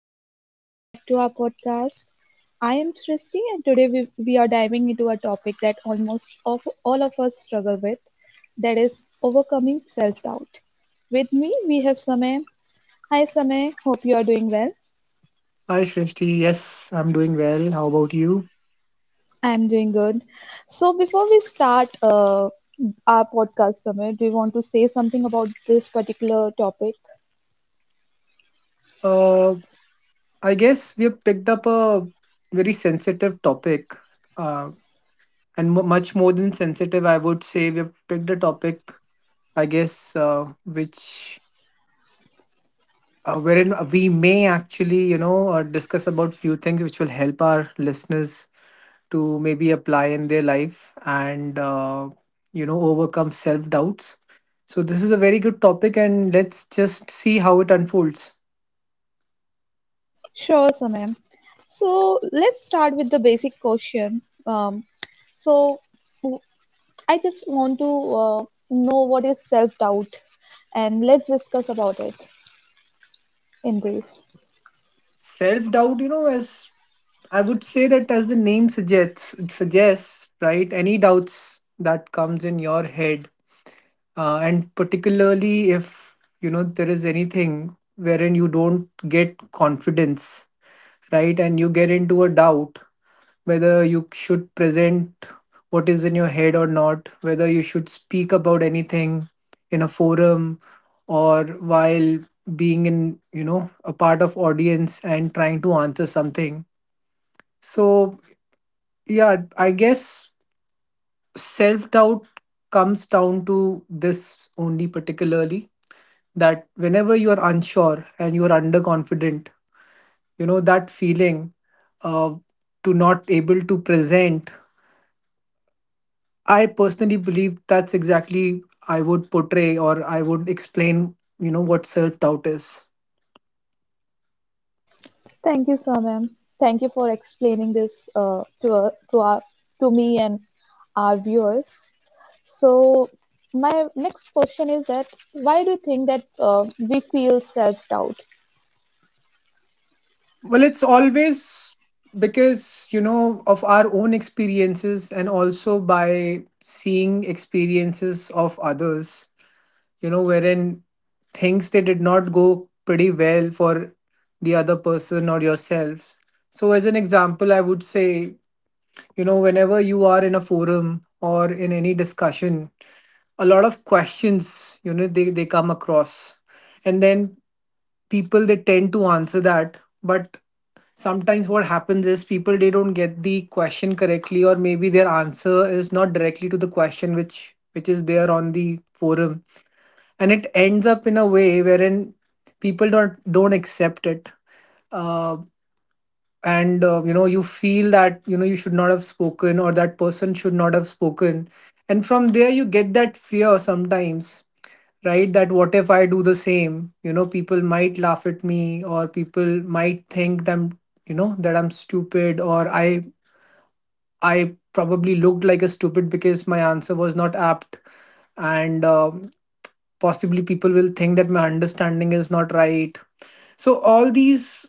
everyone. Welcome back to our podcast. I am Srishti, and today we are diving into a topic that almost all of us struggle with, that is overcoming self doubt. With me, we have Samay. Hi, Samay. Hope you are doing well. Hi, Shrishti. Yes, I'm doing well. How about you? I am doing good. So, before we start our podcast, Samay, do you want to say something about this particular topic? Uh, I guess we have picked up a very sensitive topic, uh, and mu much more than sensitive, I would say we have picked a topic, I guess, which wherein we may actually, discuss about few things which will help our listeners to maybe apply in their life and overcome self doubts. So this is a very good topic, and let's just see how it unfolds. Sure, Samay. So, let's start with the basic question. So, I just want to uh, know what is self doubt, and let's discuss about it in brief. Self doubt, as I would say, that as the name suggests, it suggests, right? Any doubts that comes in your head, and particularly if there is anything wherein you don't get confidence, right, and you get into a doubt whether you should present what is in your head or not, whether you should speak about anything in a forum, or while being in a part of audience and trying to answer something. So, yeah, I guess self doubt comes down to this only, particularly that whenever you are unsure and you are underconfident, that feeling uh, to not able to present. I personally believe that's exactly I would portray, or I would explain, what self doubt is. Thank you, Samam. Thank you for explaining this to our to me and our viewers. So, my next question is that why do you think that we feel self doubt? Well, it's always because, of our own experiences and also by seeing experiences of others, wherein things they did not go pretty well for the other person or yourself. So, as an example, I would say, whenever you are in a forum or in any discussion, a lot of questions they come across, and then people they tend to answer that, but sometimes what happens is people they don't get the question correctly, or maybe their answer is not directly to the question, which is there on the forum, and it ends up in a way wherein people don't accept it, uh, and you feel that you should not have spoken, or that person should not have spoken, and from there you get that fear sometimes, right? That what if I do the same? People might laugh at me, or people might think that I'm, that I'm stupid, or I probably looked like a stupid because my answer was not apt, and possibly people will think that my understanding is not right. So all these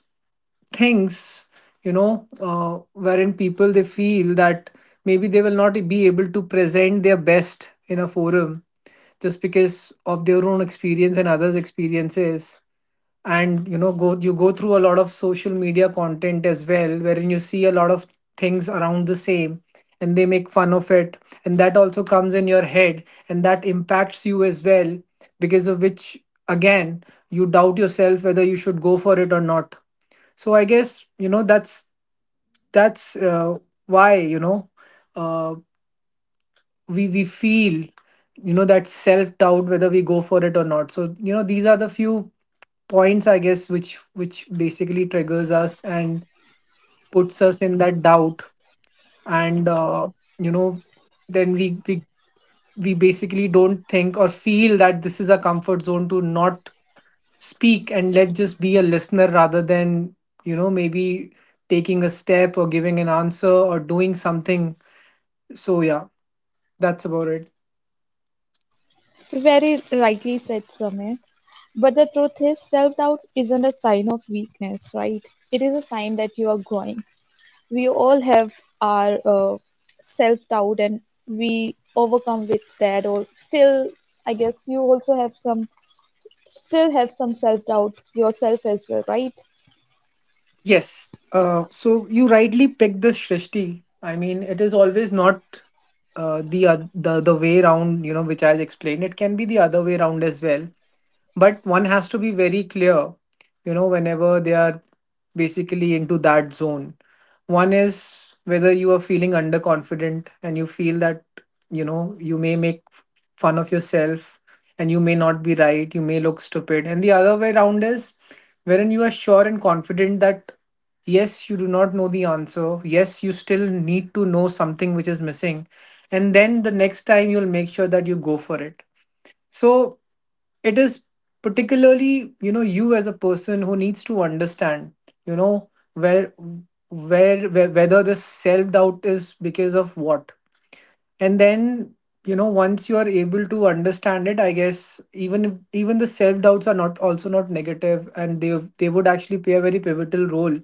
things, wherein people they feel that maybe they will not be able to present their best in a forum, just because of their own experience and others experiences. And you go through a lot of social media content as well, wherein you see a lot of things around the same, and they make fun of it, and that also comes in your head, and that impacts you as well, because of which, again, you doubt yourself whether you should go for it or not. So I guess that's why uh, we feel that self doubt, whether we go for it or not. So these are the few points, I guess, which basically triggers us and puts us in that doubt. And you know then we basically don't think or feel that this is a comfort zone, to not speak and let's just be a listener rather than maybe taking a step or giving an answer or doing something. So yeah, that's about it. Very rightly said, Samay. But the truth is, self doubt isn't a sign of weakness, right? It is a sign that you are growing. We all have our self doubt, and we overcome with that, or still I guess you also have some still have some self doubt yourself as well, right? Yes. So you rightly picked the Shrishti. I mean, it is always not the, oth- the way round, which I explained. It can be the other way round as well. But one has to be very clear, whenever they are basically into that zone. One is whether you are feeling underconfident and you feel that, you may make fun of yourself, and you may not be right, you may look stupid. And the other way around is wherein you are sure and confident that yes, you do not know the answer, yes, you still need to know something which is missing. And then the next time you'll make sure that you go for it. So it is, particularly, you as a person who needs to understand, you know, where where whether this self-doubt is because of what. And then, once you are able to understand it, I guess even the self-doubts are not also not negative, and they would actually play a very pivotal role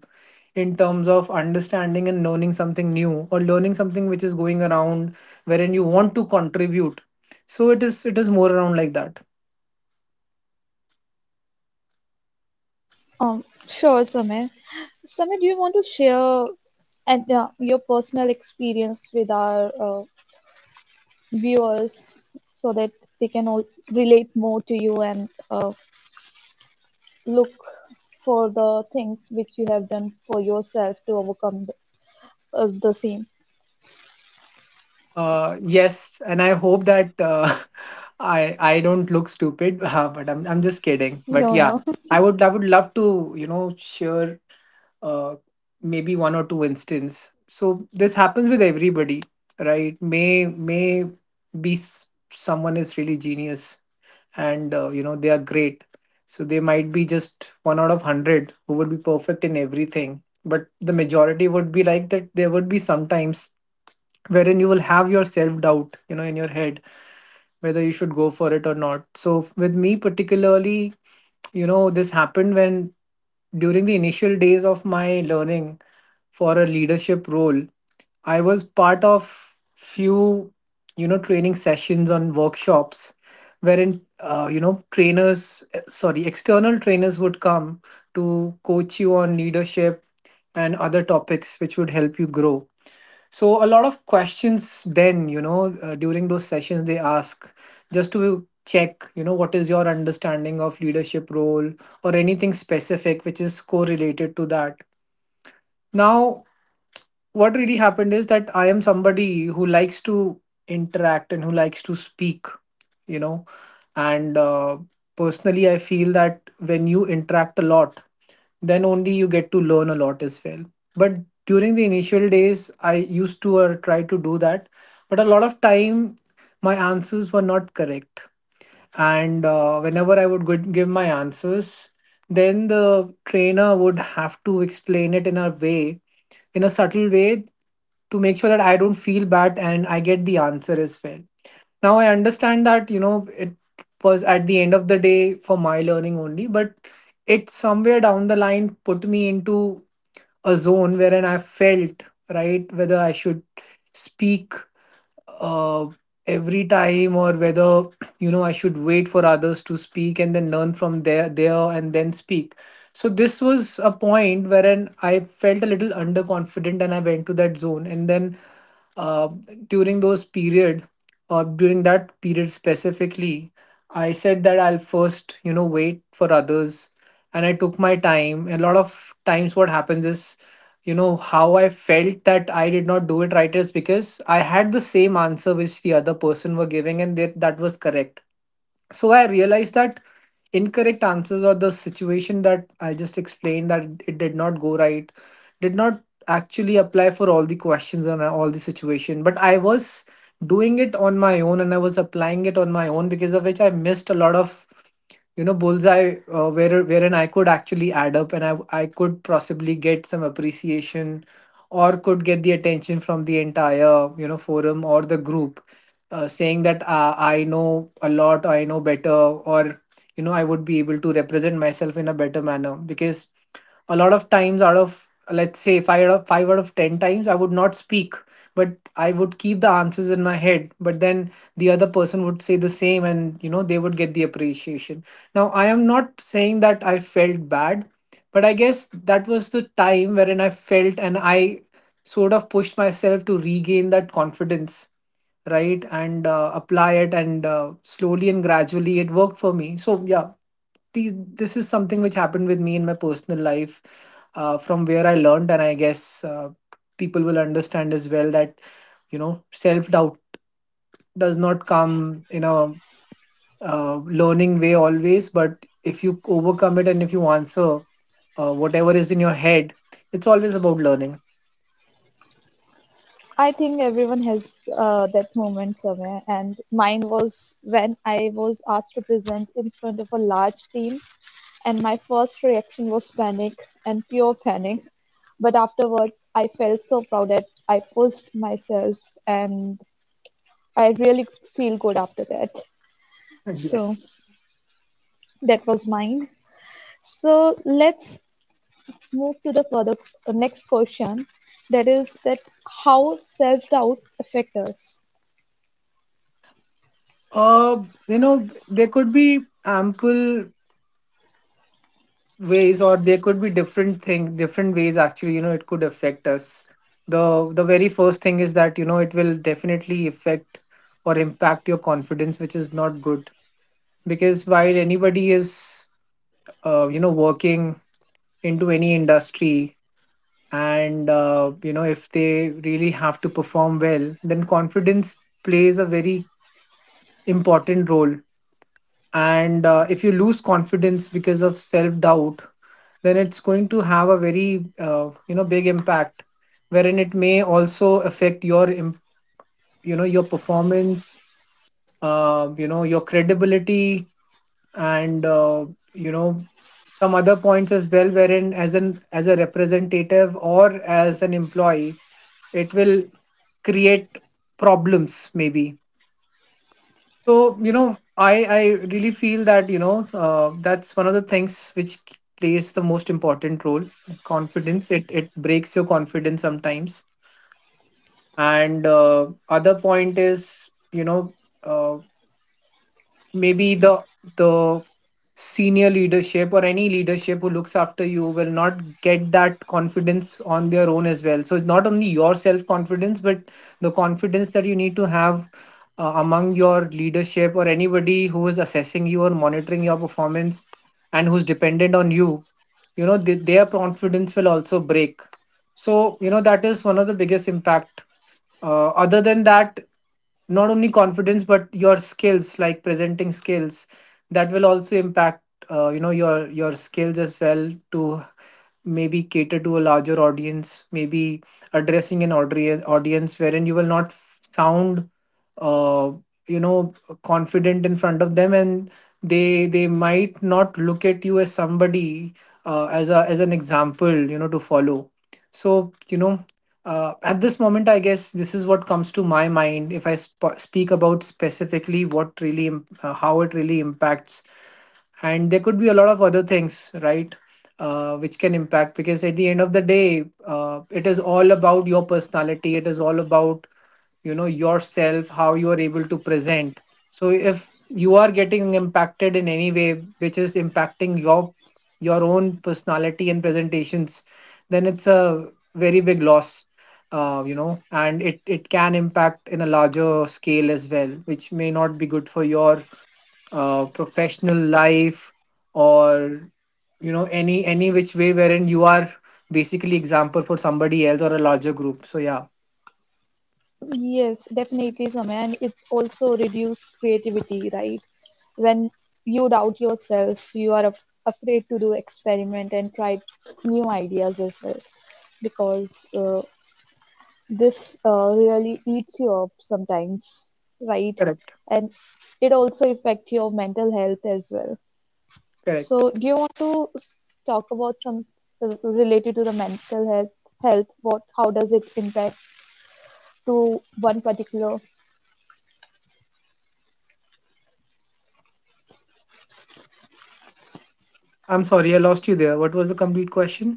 in terms of understanding and learning something new, or learning something which is going around wherein you want to contribute. So it is more around like that. Sure, Samay. Samay, do you want to share and your personal experience with our viewers, so that they can all relate more to you, and look for the things which you have done for yourself to overcome the same. Yes, and I hope that I don't look stupid, but I'm just kidding. But No, yeah, no. I would love to share uh, maybe one or two instance. So this happens with everybody, right? Someone is really genius and they are great. So they might be just one out of 100 who would be perfect in everything, but the majority would be like that. There would be sometimes wherein you will have your self doubt in your head, whether you should go for it or not. So with me particularly, this happened when, during the initial days of my learning for a leadership role, I was part of few training sessions on workshops, wherein trainers eh, sorry external trainers would come to coach you on leadership and other topics which would help you grow. So a lot of questions then, during those sessions they ask, just to check, what is your understanding of leadership role, or anything specific which is correlated to that. Now, what really happened is that I am somebody who likes to interact and who likes to speak, you know, and personally I feel that when you interact a lot, then only you get to learn a lot as well. But during the initial days I used to, or try to do that, but a lot of time my answers were not correct. And whenever I would give my answers, then the trainer would have to explain it in a subtle way, to make sure that I don't feel bad and I get the answer as well. Now I understand that, it was at the end of the day for my learning only, but it somewhere down the line put me into a zone wherein I felt, right, whether I should speak uh, every time, or whether I should wait for others to speak and then learn from their there and then speak. So this was a point wherein I felt a little underconfident and I went to that zone. And then uh, during those period, or during that period specifically, I said that I'll first, wait for others. And I took my time. A lot of times what happens is, how I felt that I did not do it right is because I had the same answer which the other person were giving, and that was correct. So I realized that incorrect answers, or the situation that I just explained that it did not go right, did not actually apply for all the questions and all the situation. But I was doing it on my own, and I was applying it on my own, because of which I missed a lot of bullseye, wherein I could actually add up, and I could possibly get some appreciation, or could get the attention from the entire forum or the group, saying that I know a lot, I know better, or I would be able to represent myself in a better manner. Because a lot of times, out of, let's say, five out of ten times, I would not speak, but I would keep the answers in my head. But then the other person would say the same, and they would get the appreciation. Now, I am not saying that I felt bad, but I guess that was the time wherein I felt, and I sort of pushed myself to regain that confidence, right, and apply it, and slowly and gradually it worked for me, so yeah. This is something which happened with me in my personal life, from where I learned. And I guess people will understand as well that self doubt does not come in a learning way always, but if you overcome it, and if you answer whatever is in your head, it's always about learning. I think everyone has that moment somewhere, and mine was when I was asked to present in front of a large team, and my first reaction was panic and pure panic. But afterward, I felt so proud that I pushed myself, and I really feel good after that. So Yes. that was mine. So let's move to the next question, that is that how self doubt affect us. You know, there could be ample ways, or there could be different things, different ways, actually. It could affect us. The very first thing is that, it will definitely affect or impact your confidence, which is not good. Because while anybody is, working into any industry, and if they really have to perform well, then confidence plays a very important role. And if you lose confidence because of self doubt, then it's going to have a very big impact, wherein it may also affect your your performance, your credibility, and you know some other points as well, wherein as a representative or as an employee, it will create problems maybe. So, I really feel that, that's one of the things which plays the most important role. Confidence, it breaks your confidence sometimes. And other point is, uh, maybe the senior leadership, or any leadership who looks after you, will not get that confidence on their own as well. So it's not only your self confidence, but the confidence that you need to have among your leadership, or anybody who is assessing you or monitoring your performance and who's dependent on you. You know Their confidence will also break. So that is one of the biggest impact. Other than that, not only confidence, but your skills, like presenting skills, that will also impact your skills as well, to maybe cater to a larger audience, maybe addressing an audience, wherein you will not sound uh, you know confident in front of them, and they might not look at you as somebody, as an example to follow. So at this moment, I guess this is what comes to my mind, if I speak about specifically what really, how it really impacts. And there could be a lot of other things, right, which can impact, because at the end of the day, it is all about your personality. It is all about, yourself, how you are able to present. So if you are getting impacted in any way, which is impacting your own personality and presentations, then it's a very big loss, and it can impact in a larger scale as well, which may not be good for your professional life, or any which way wherein you are basically example for somebody else or a larger group, so yeah. Yes, definitely, Samay, and it also reduces creativity, right? When you doubt yourself, you are afraid to do experiment and try new ideas as well, because this really eats you up sometimes, right? Correct. And it also affects your mental health as well. Correct. So, do you want to talk about some related to the mental health? Health, what, how does it impact to one particular? I'm sorry, I lost you there. What was the complete question?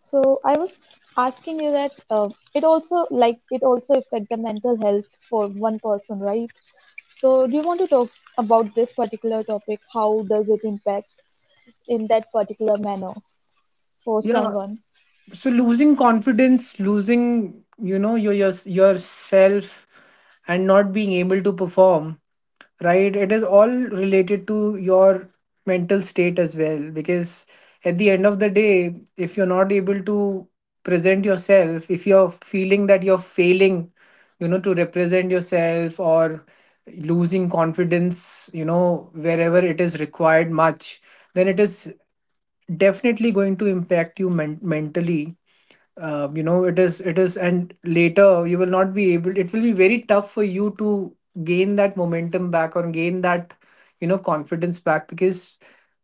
So I was asking you that it also, like, it also affect the mental health for one person, right? So do you want to talk about this particular topic? How does it impact in that particular manner for Yeah, someone? so losing confidence, losing yourself, and not being able to perform, right, it is all related to your mental state as well. Because at the end of the day, if you're not able to present yourself, if you're feeling that you're failing to represent yourself, or losing confidence wherever it is required much, then it is definitely going to impact you mentally. You know it is And later, you will not be able, it will be very tough for you to gain that momentum back, or gain that confidence back. Because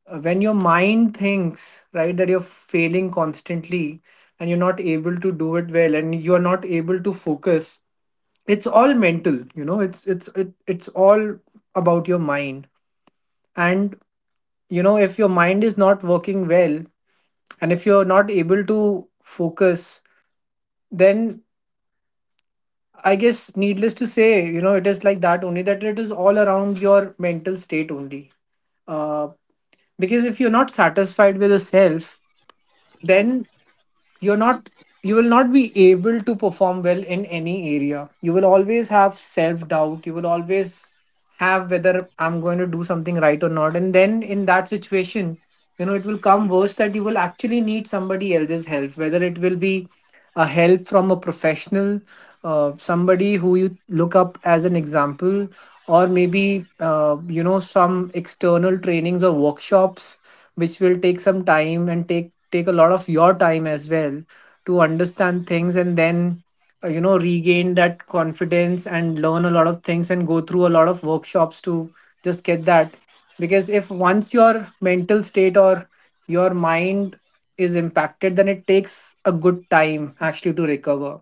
when your mind thinks right that you're failing constantly, and you're not able to do it well, and you're not able to focus, it's all mental. It's all about your mind. And if your mind is not working well, and if you're not able to focus, then I guess, needless to say, it is like that only, that it is all around your mental state only. uh, because if you're not satisfied with yourself, then you're not, you will not be able to perform well in any area. You will always have self doubt. You will always have whether I'm going to do something right or not. And then in that situation, it will come worse, that you will actually need somebody else's help, whether it will be a help from a professional, somebody who you look up as an example, or maybe some external trainings or workshops, which will take some time, and take a lot of your time as well, to understand things, and then regain that confidence, and learn a lot of things, and go through a lot of workshops to just get that. Because if once your mental state or your mind is impacted, then it takes a good time actually to recover.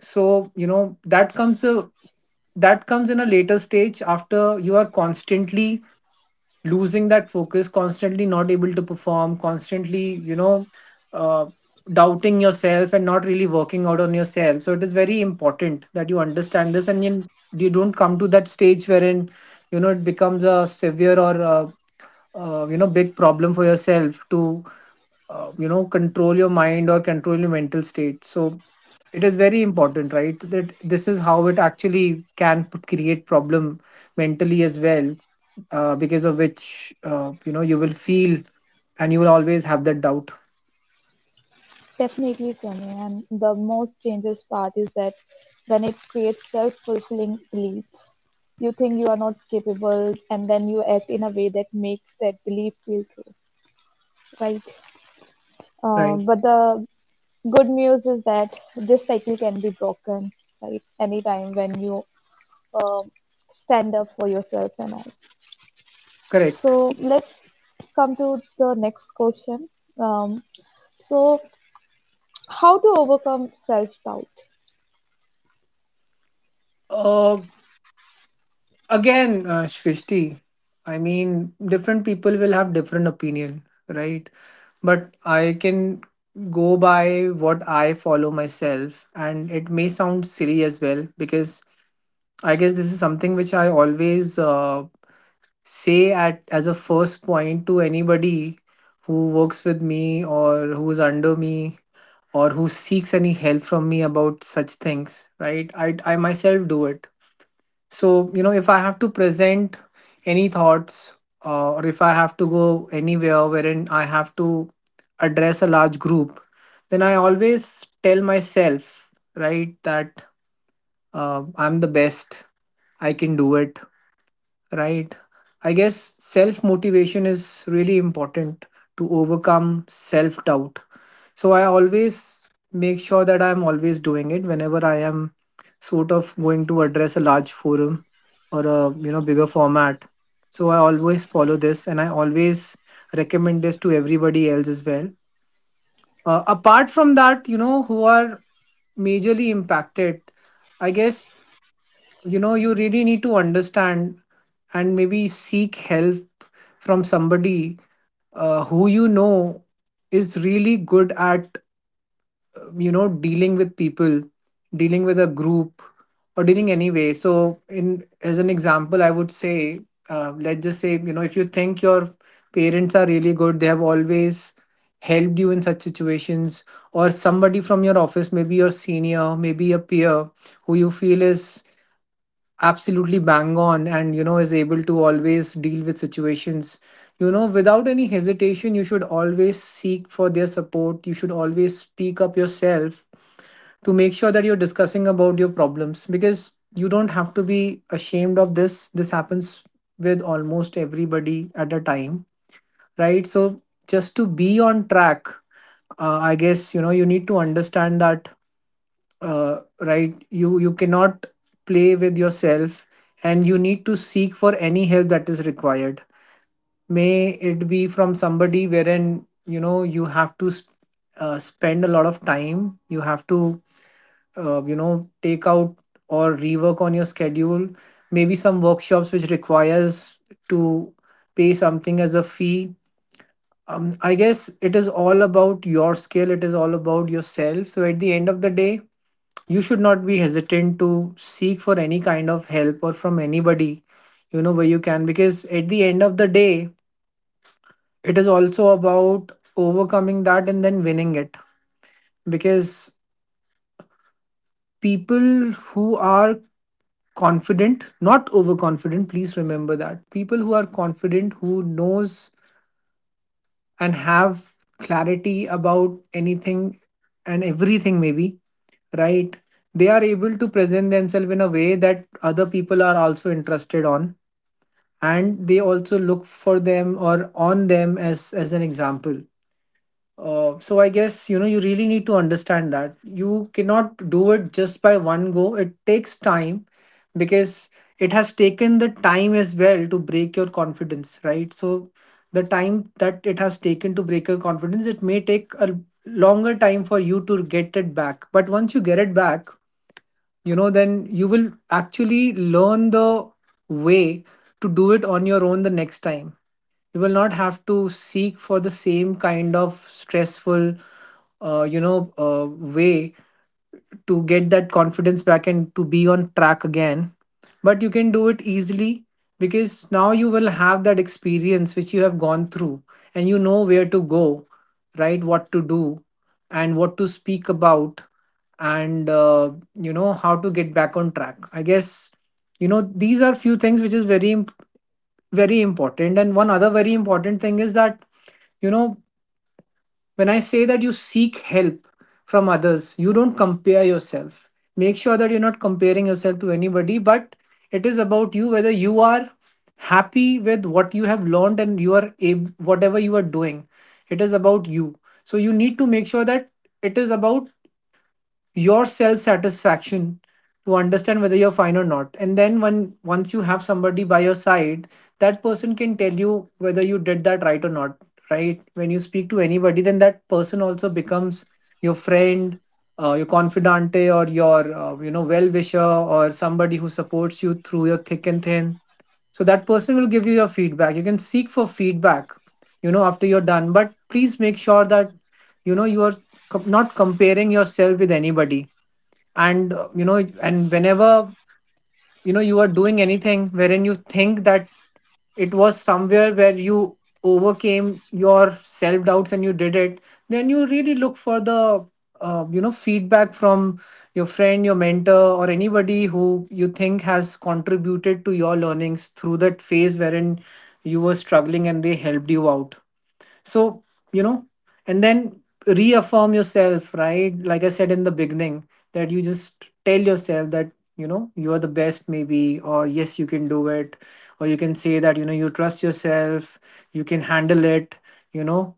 So that comes in a later stage, after you are constantly losing that focus, constantly not able to perform, constantly uh, doubting yourself, and not really working out on yourself. So it is very important that you understand this, and you don't come to that stage wherein it becomes a severe, or a, big problem for yourself, to control your mind or control your mental state. So it is very important, right, that this is how it actually can create problem mentally as well, because of which you will feel, and you will always have that doubt. Definitely, Sonia. And the most dangerous part is that when it creates self-fulfilling beliefs, you think you are not capable, and then you act in a way that makes that belief feel true, right? Right. But the good news is that this cycle can be broken, right, anytime when you um, stand up for yourself and all. So Correct. let's come to the next question. um, so, how to overcome self-doubt? Uh, again, Shrishti, I mean, different people will have different opinion, right, but I can go by what I follow myself, and it may sound silly as well, because I guess this is something which I always say at as a first point to anybody who works with me, or who's under me, or who seeks any help from me about such things, right. I myself do it. So if I have to present any thoughts, or if I have to go anywhere wherein I have to address a large group, then I always tell myself, right, that I'm the best, I can do it. Right. I guess self motivation is really important to overcome self doubt. So I always make sure that I'm always doing it whenever I am sort of going to address a large forum, or a bigger format. So I always follow this, and I always recommend this to everybody else as well. Apart from that, who are majorly impacted, I guess you really need to understand, and maybe seek help from somebody who is really good at dealing with people, dealing with a group, or dealing anyway. So in as an example, I would say, let's just say, if you think your parents are really good, they have always helped you in such situations, or somebody from your office, maybe your senior, maybe a peer, who you feel is absolutely bang on, and is able to always deal with situations without any hesitation. You should always seek for their support, you should always speak up yourself, to make sure that you're discussing about your problems, because you don't have to be ashamed of this, this happens with almost everybody at a time, right. So just to be on track, I guess you need to understand that, right, you cannot play with yourself, and you need to seek for any help that is required, may it be from somebody wherein you have to spend a lot of time, you have to take out or rework on your schedule, maybe some workshops which requires to pay something as a fee. I guess it is all about your skill, it is all about yourself, so at the end of the day, you should not be hesitant to seek for any kind of help, or from anybody where you can, because at the end of the day, it is also about overcoming that and then winning it. Because people who are confident, not overconfident, please remember that people who are confident, who knows and have clarity about anything and everything maybe, right, they are able to present themselves in a way that other people are also interested on, and they also look for them, or on them as an example. So I guess you really need to understand that you cannot do it just by one go. It takes time, because it has taken the time as well to break your confidence, right? So the time that it has taken to break your confidence, it may take a longer time for you to get it back. But once you get it back, you know, then you will actually learn the way to do it on your own the next time. You will not have to seek for the same kind of stressful way to get that confidence back and to be on track again, but you can do it easily because now you will have that experience which you have gone through, and you know where to go, right, what to do and what to speak about, and how to get back on track. I guess, you know, these are few things which is very very important. And one other very important thing is that, you know, when I say that you seek help from others, you don't compare yourself. Make sure that you're not comparing yourself to anybody, but it is about you, whether you are happy with what you have learned and you are whatever you are doing, it is about you. So you need to make sure that it is about your self satisfaction, to understand whether you're fine or not. And then when once you have somebody by your side, that person can tell you whether you did that right or not, right? When you speak to anybody, then that person also becomes your friend, your confidante, or your well wisher, or somebody who supports you through your thick and thin. So that person will give you your feedback. You can seek for feedback, you know, after you're done. But please make sure that, you know, you are not comparing yourself with anybody. And whenever, you know, you are doing anything wherein you think that it was somewhere where you overcame your self doubts and you did it, then you really look for the feedback from your friend, your mentor, or anybody who you think has contributed to your learnings through that phase wherein you were struggling and they helped you out. So, you know, and then reaffirm yourself, right? Like I said in the beginning, that you just tell yourself that, you know, you are the best, maybe, or yes, you can do it, or you can say that, you know, you trust yourself, you can handle it. You know,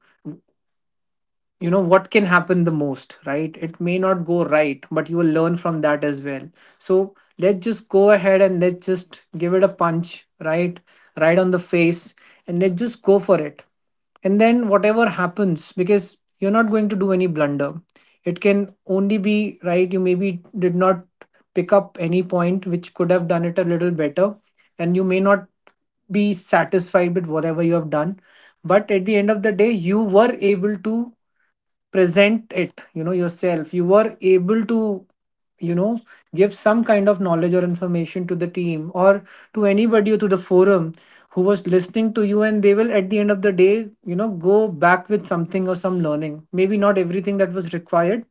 you know what can happen the most, right? It may not go right, but you will learn from that as well. So let's just go ahead and let's just give it a punch, right, right on the face, and let's just go for it. And then whatever happens, because you're not going to do any blunder. It can only be right. You maybe did not pick up any point which could have done it a little better, and you may not be satisfied with whatever you have done. But at the end of the day, you were able to present it, you know, yourself. You were able to, you know, give some kind of knowledge or information to the team, or to anybody, or to the forum who was listening to you, and they will, at the end of the day, you know, go back with something, or some learning, maybe not everything that was required.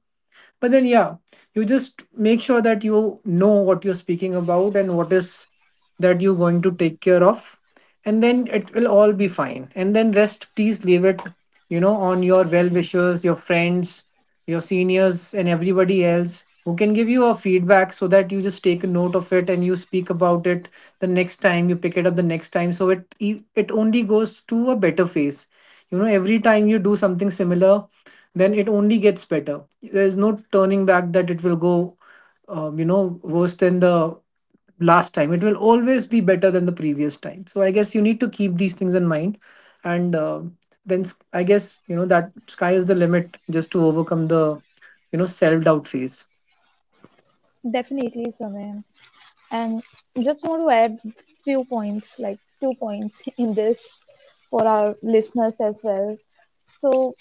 But then, yeah, you just make sure that you know what you're speaking about, and what is that you're going to take care of. And then it will all be fine, and then rest, please leave it, you know, on your well wishers, your friends, your seniors, and everybody else who can give you a feedback, so that you just take a note of it and you speak about it the next time. You pick it up the next time, so it only goes to a better phase. You know, every time you do something similar, then it only gets better. There is no turning back, that it will go worse than the last time. It will always be better than the previous time. So I guess you need to keep these things in mind. And I guess, you know, that sky is the limit, just to overcome the, you know, self doubt phase. Definitely, Saman. And just want to add few points, like two points in this, for our listeners as well. So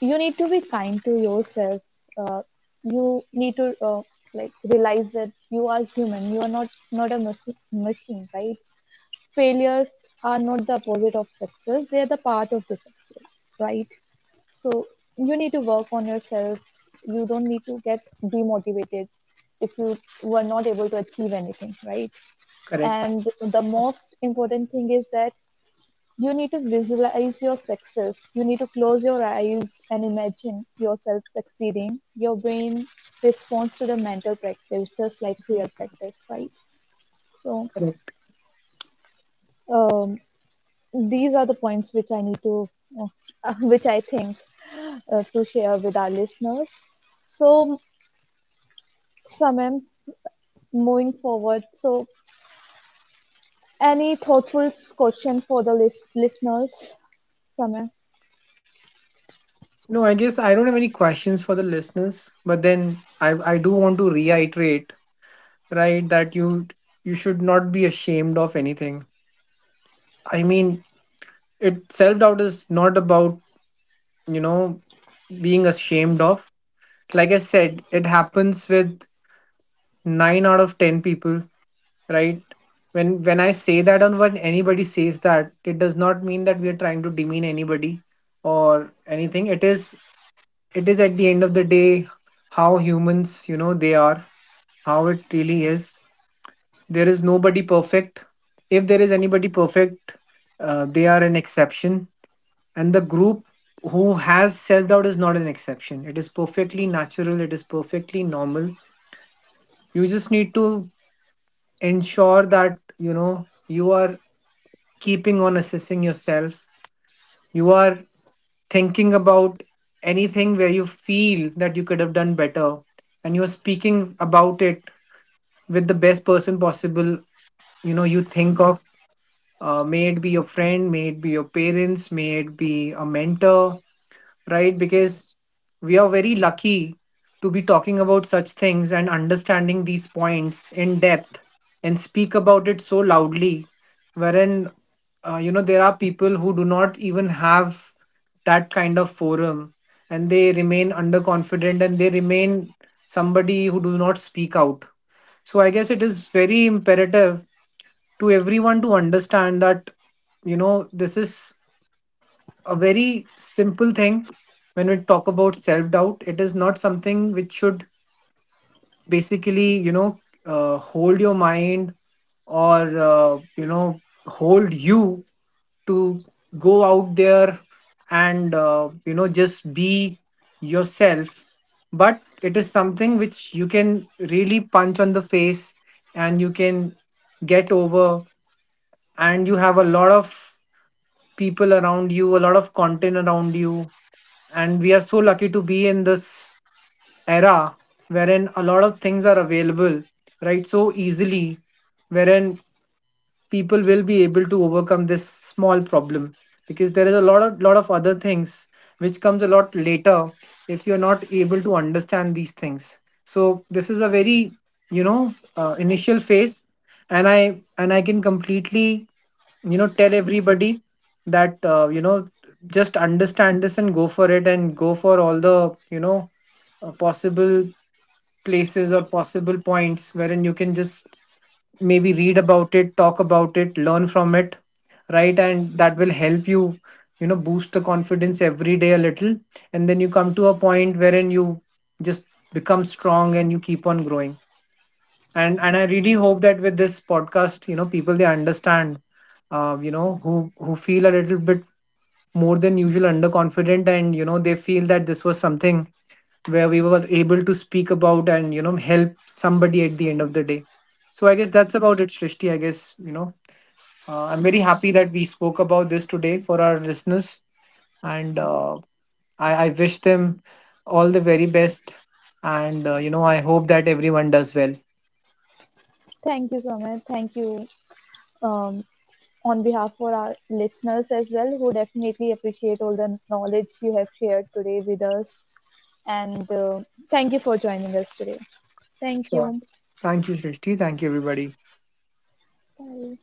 you need to be kind to yourself. Uh, you need to like realize that you are human. You are not a machine, right? Failures are not the opposite of success. They are the part of the success, right? So you need to work on yourself. You don't need to get demotivated if you were not able to achieve anything, right? Correct. And the most important thing is that you need to visualize your success. You need to close your eyes and imagine yourself succeeding. Your brain responds to the mental practice just like real practice, right? So, um, these are the points which I need to which I think to share with our listeners. So, Samem, moving forward, so, any thoughtful question for the listeners, Samem? No, I guess I don't have any questions for the listeners, but then I do want to reiterate, right, that you should not be ashamed of anything. I mean, it self-doubt is not about, you know, being ashamed of. Like I said, it happens with 9 out of 10 people, right? When I say that, or when anybody says that, it does not mean that we are trying to demean anybody or anything. It is, it is at the end of the day how humans, you know, they are, how it really is. There is nobody perfect. If there is anybody perfect, they are an exception. And the group who has self doubt is not an exception. It is perfectly natural, it is perfectly normal. You just need to ensure that, you know, you are keeping on assessing yourself, you are thinking about anything where you feel that you could have done better, and you're speaking about it with the best person possible. You know, you think of, may it be your friend, may it be your parents, may it be a mentor, right? Because we are very lucky to be talking about such things and understanding these points in depth, and speak about it so loudly, wherein, you know, there are people who do not even have that kind of forum, and they remain underconfident, and they remain somebody who do not speak out. So I guess it is very imperative to everyone to understand that, you know, this is a very simple thing. When we talk about self doubt, it is not something which should basically, you know, hold your mind, or uh, you know hold you to go out there and just be yourself, but it is something which you can really punch on the face, and you can get over. And you have a lot of people around you, a lot of content around you. And we are so lucky to be in this era wherein a lot of things are available, right? So easily, wherein people will be able to overcome this small problem, because there is a lot of other things which comes a lot later. If you're not able to understand these things, so this is a very, you know, initial phase. And I can completely, you know, tell everybody that, just understand this and go for it, and go for all the, you know, possible places or possible points wherein you can just maybe read about it, talk about it, learn from it, right? And that will help you, you know, boost the confidence every day a little. And then you come to a point wherein you just become strong and you keep on growing. And I really hope that with this podcast, you know, people, they understand, you know, who feel a little bit more than usual underconfident, and you know, they feel that this was something where we were able to speak about, and you know, help somebody at the end of the day. So I guess that's about it, Shrishti. I guess, you know, I'm very happy that we spoke about this today for our listeners, and I wish them all the very best, and I hope that everyone does well. Thank you, Samem. Thank you. um, on behalf for our listeners as well, who definitely appreciate all the knowledge you have shared today with us. And thank you for joining us today. Thank Sure. you. Thank you, Srishti. Thank you, everybody. Bye.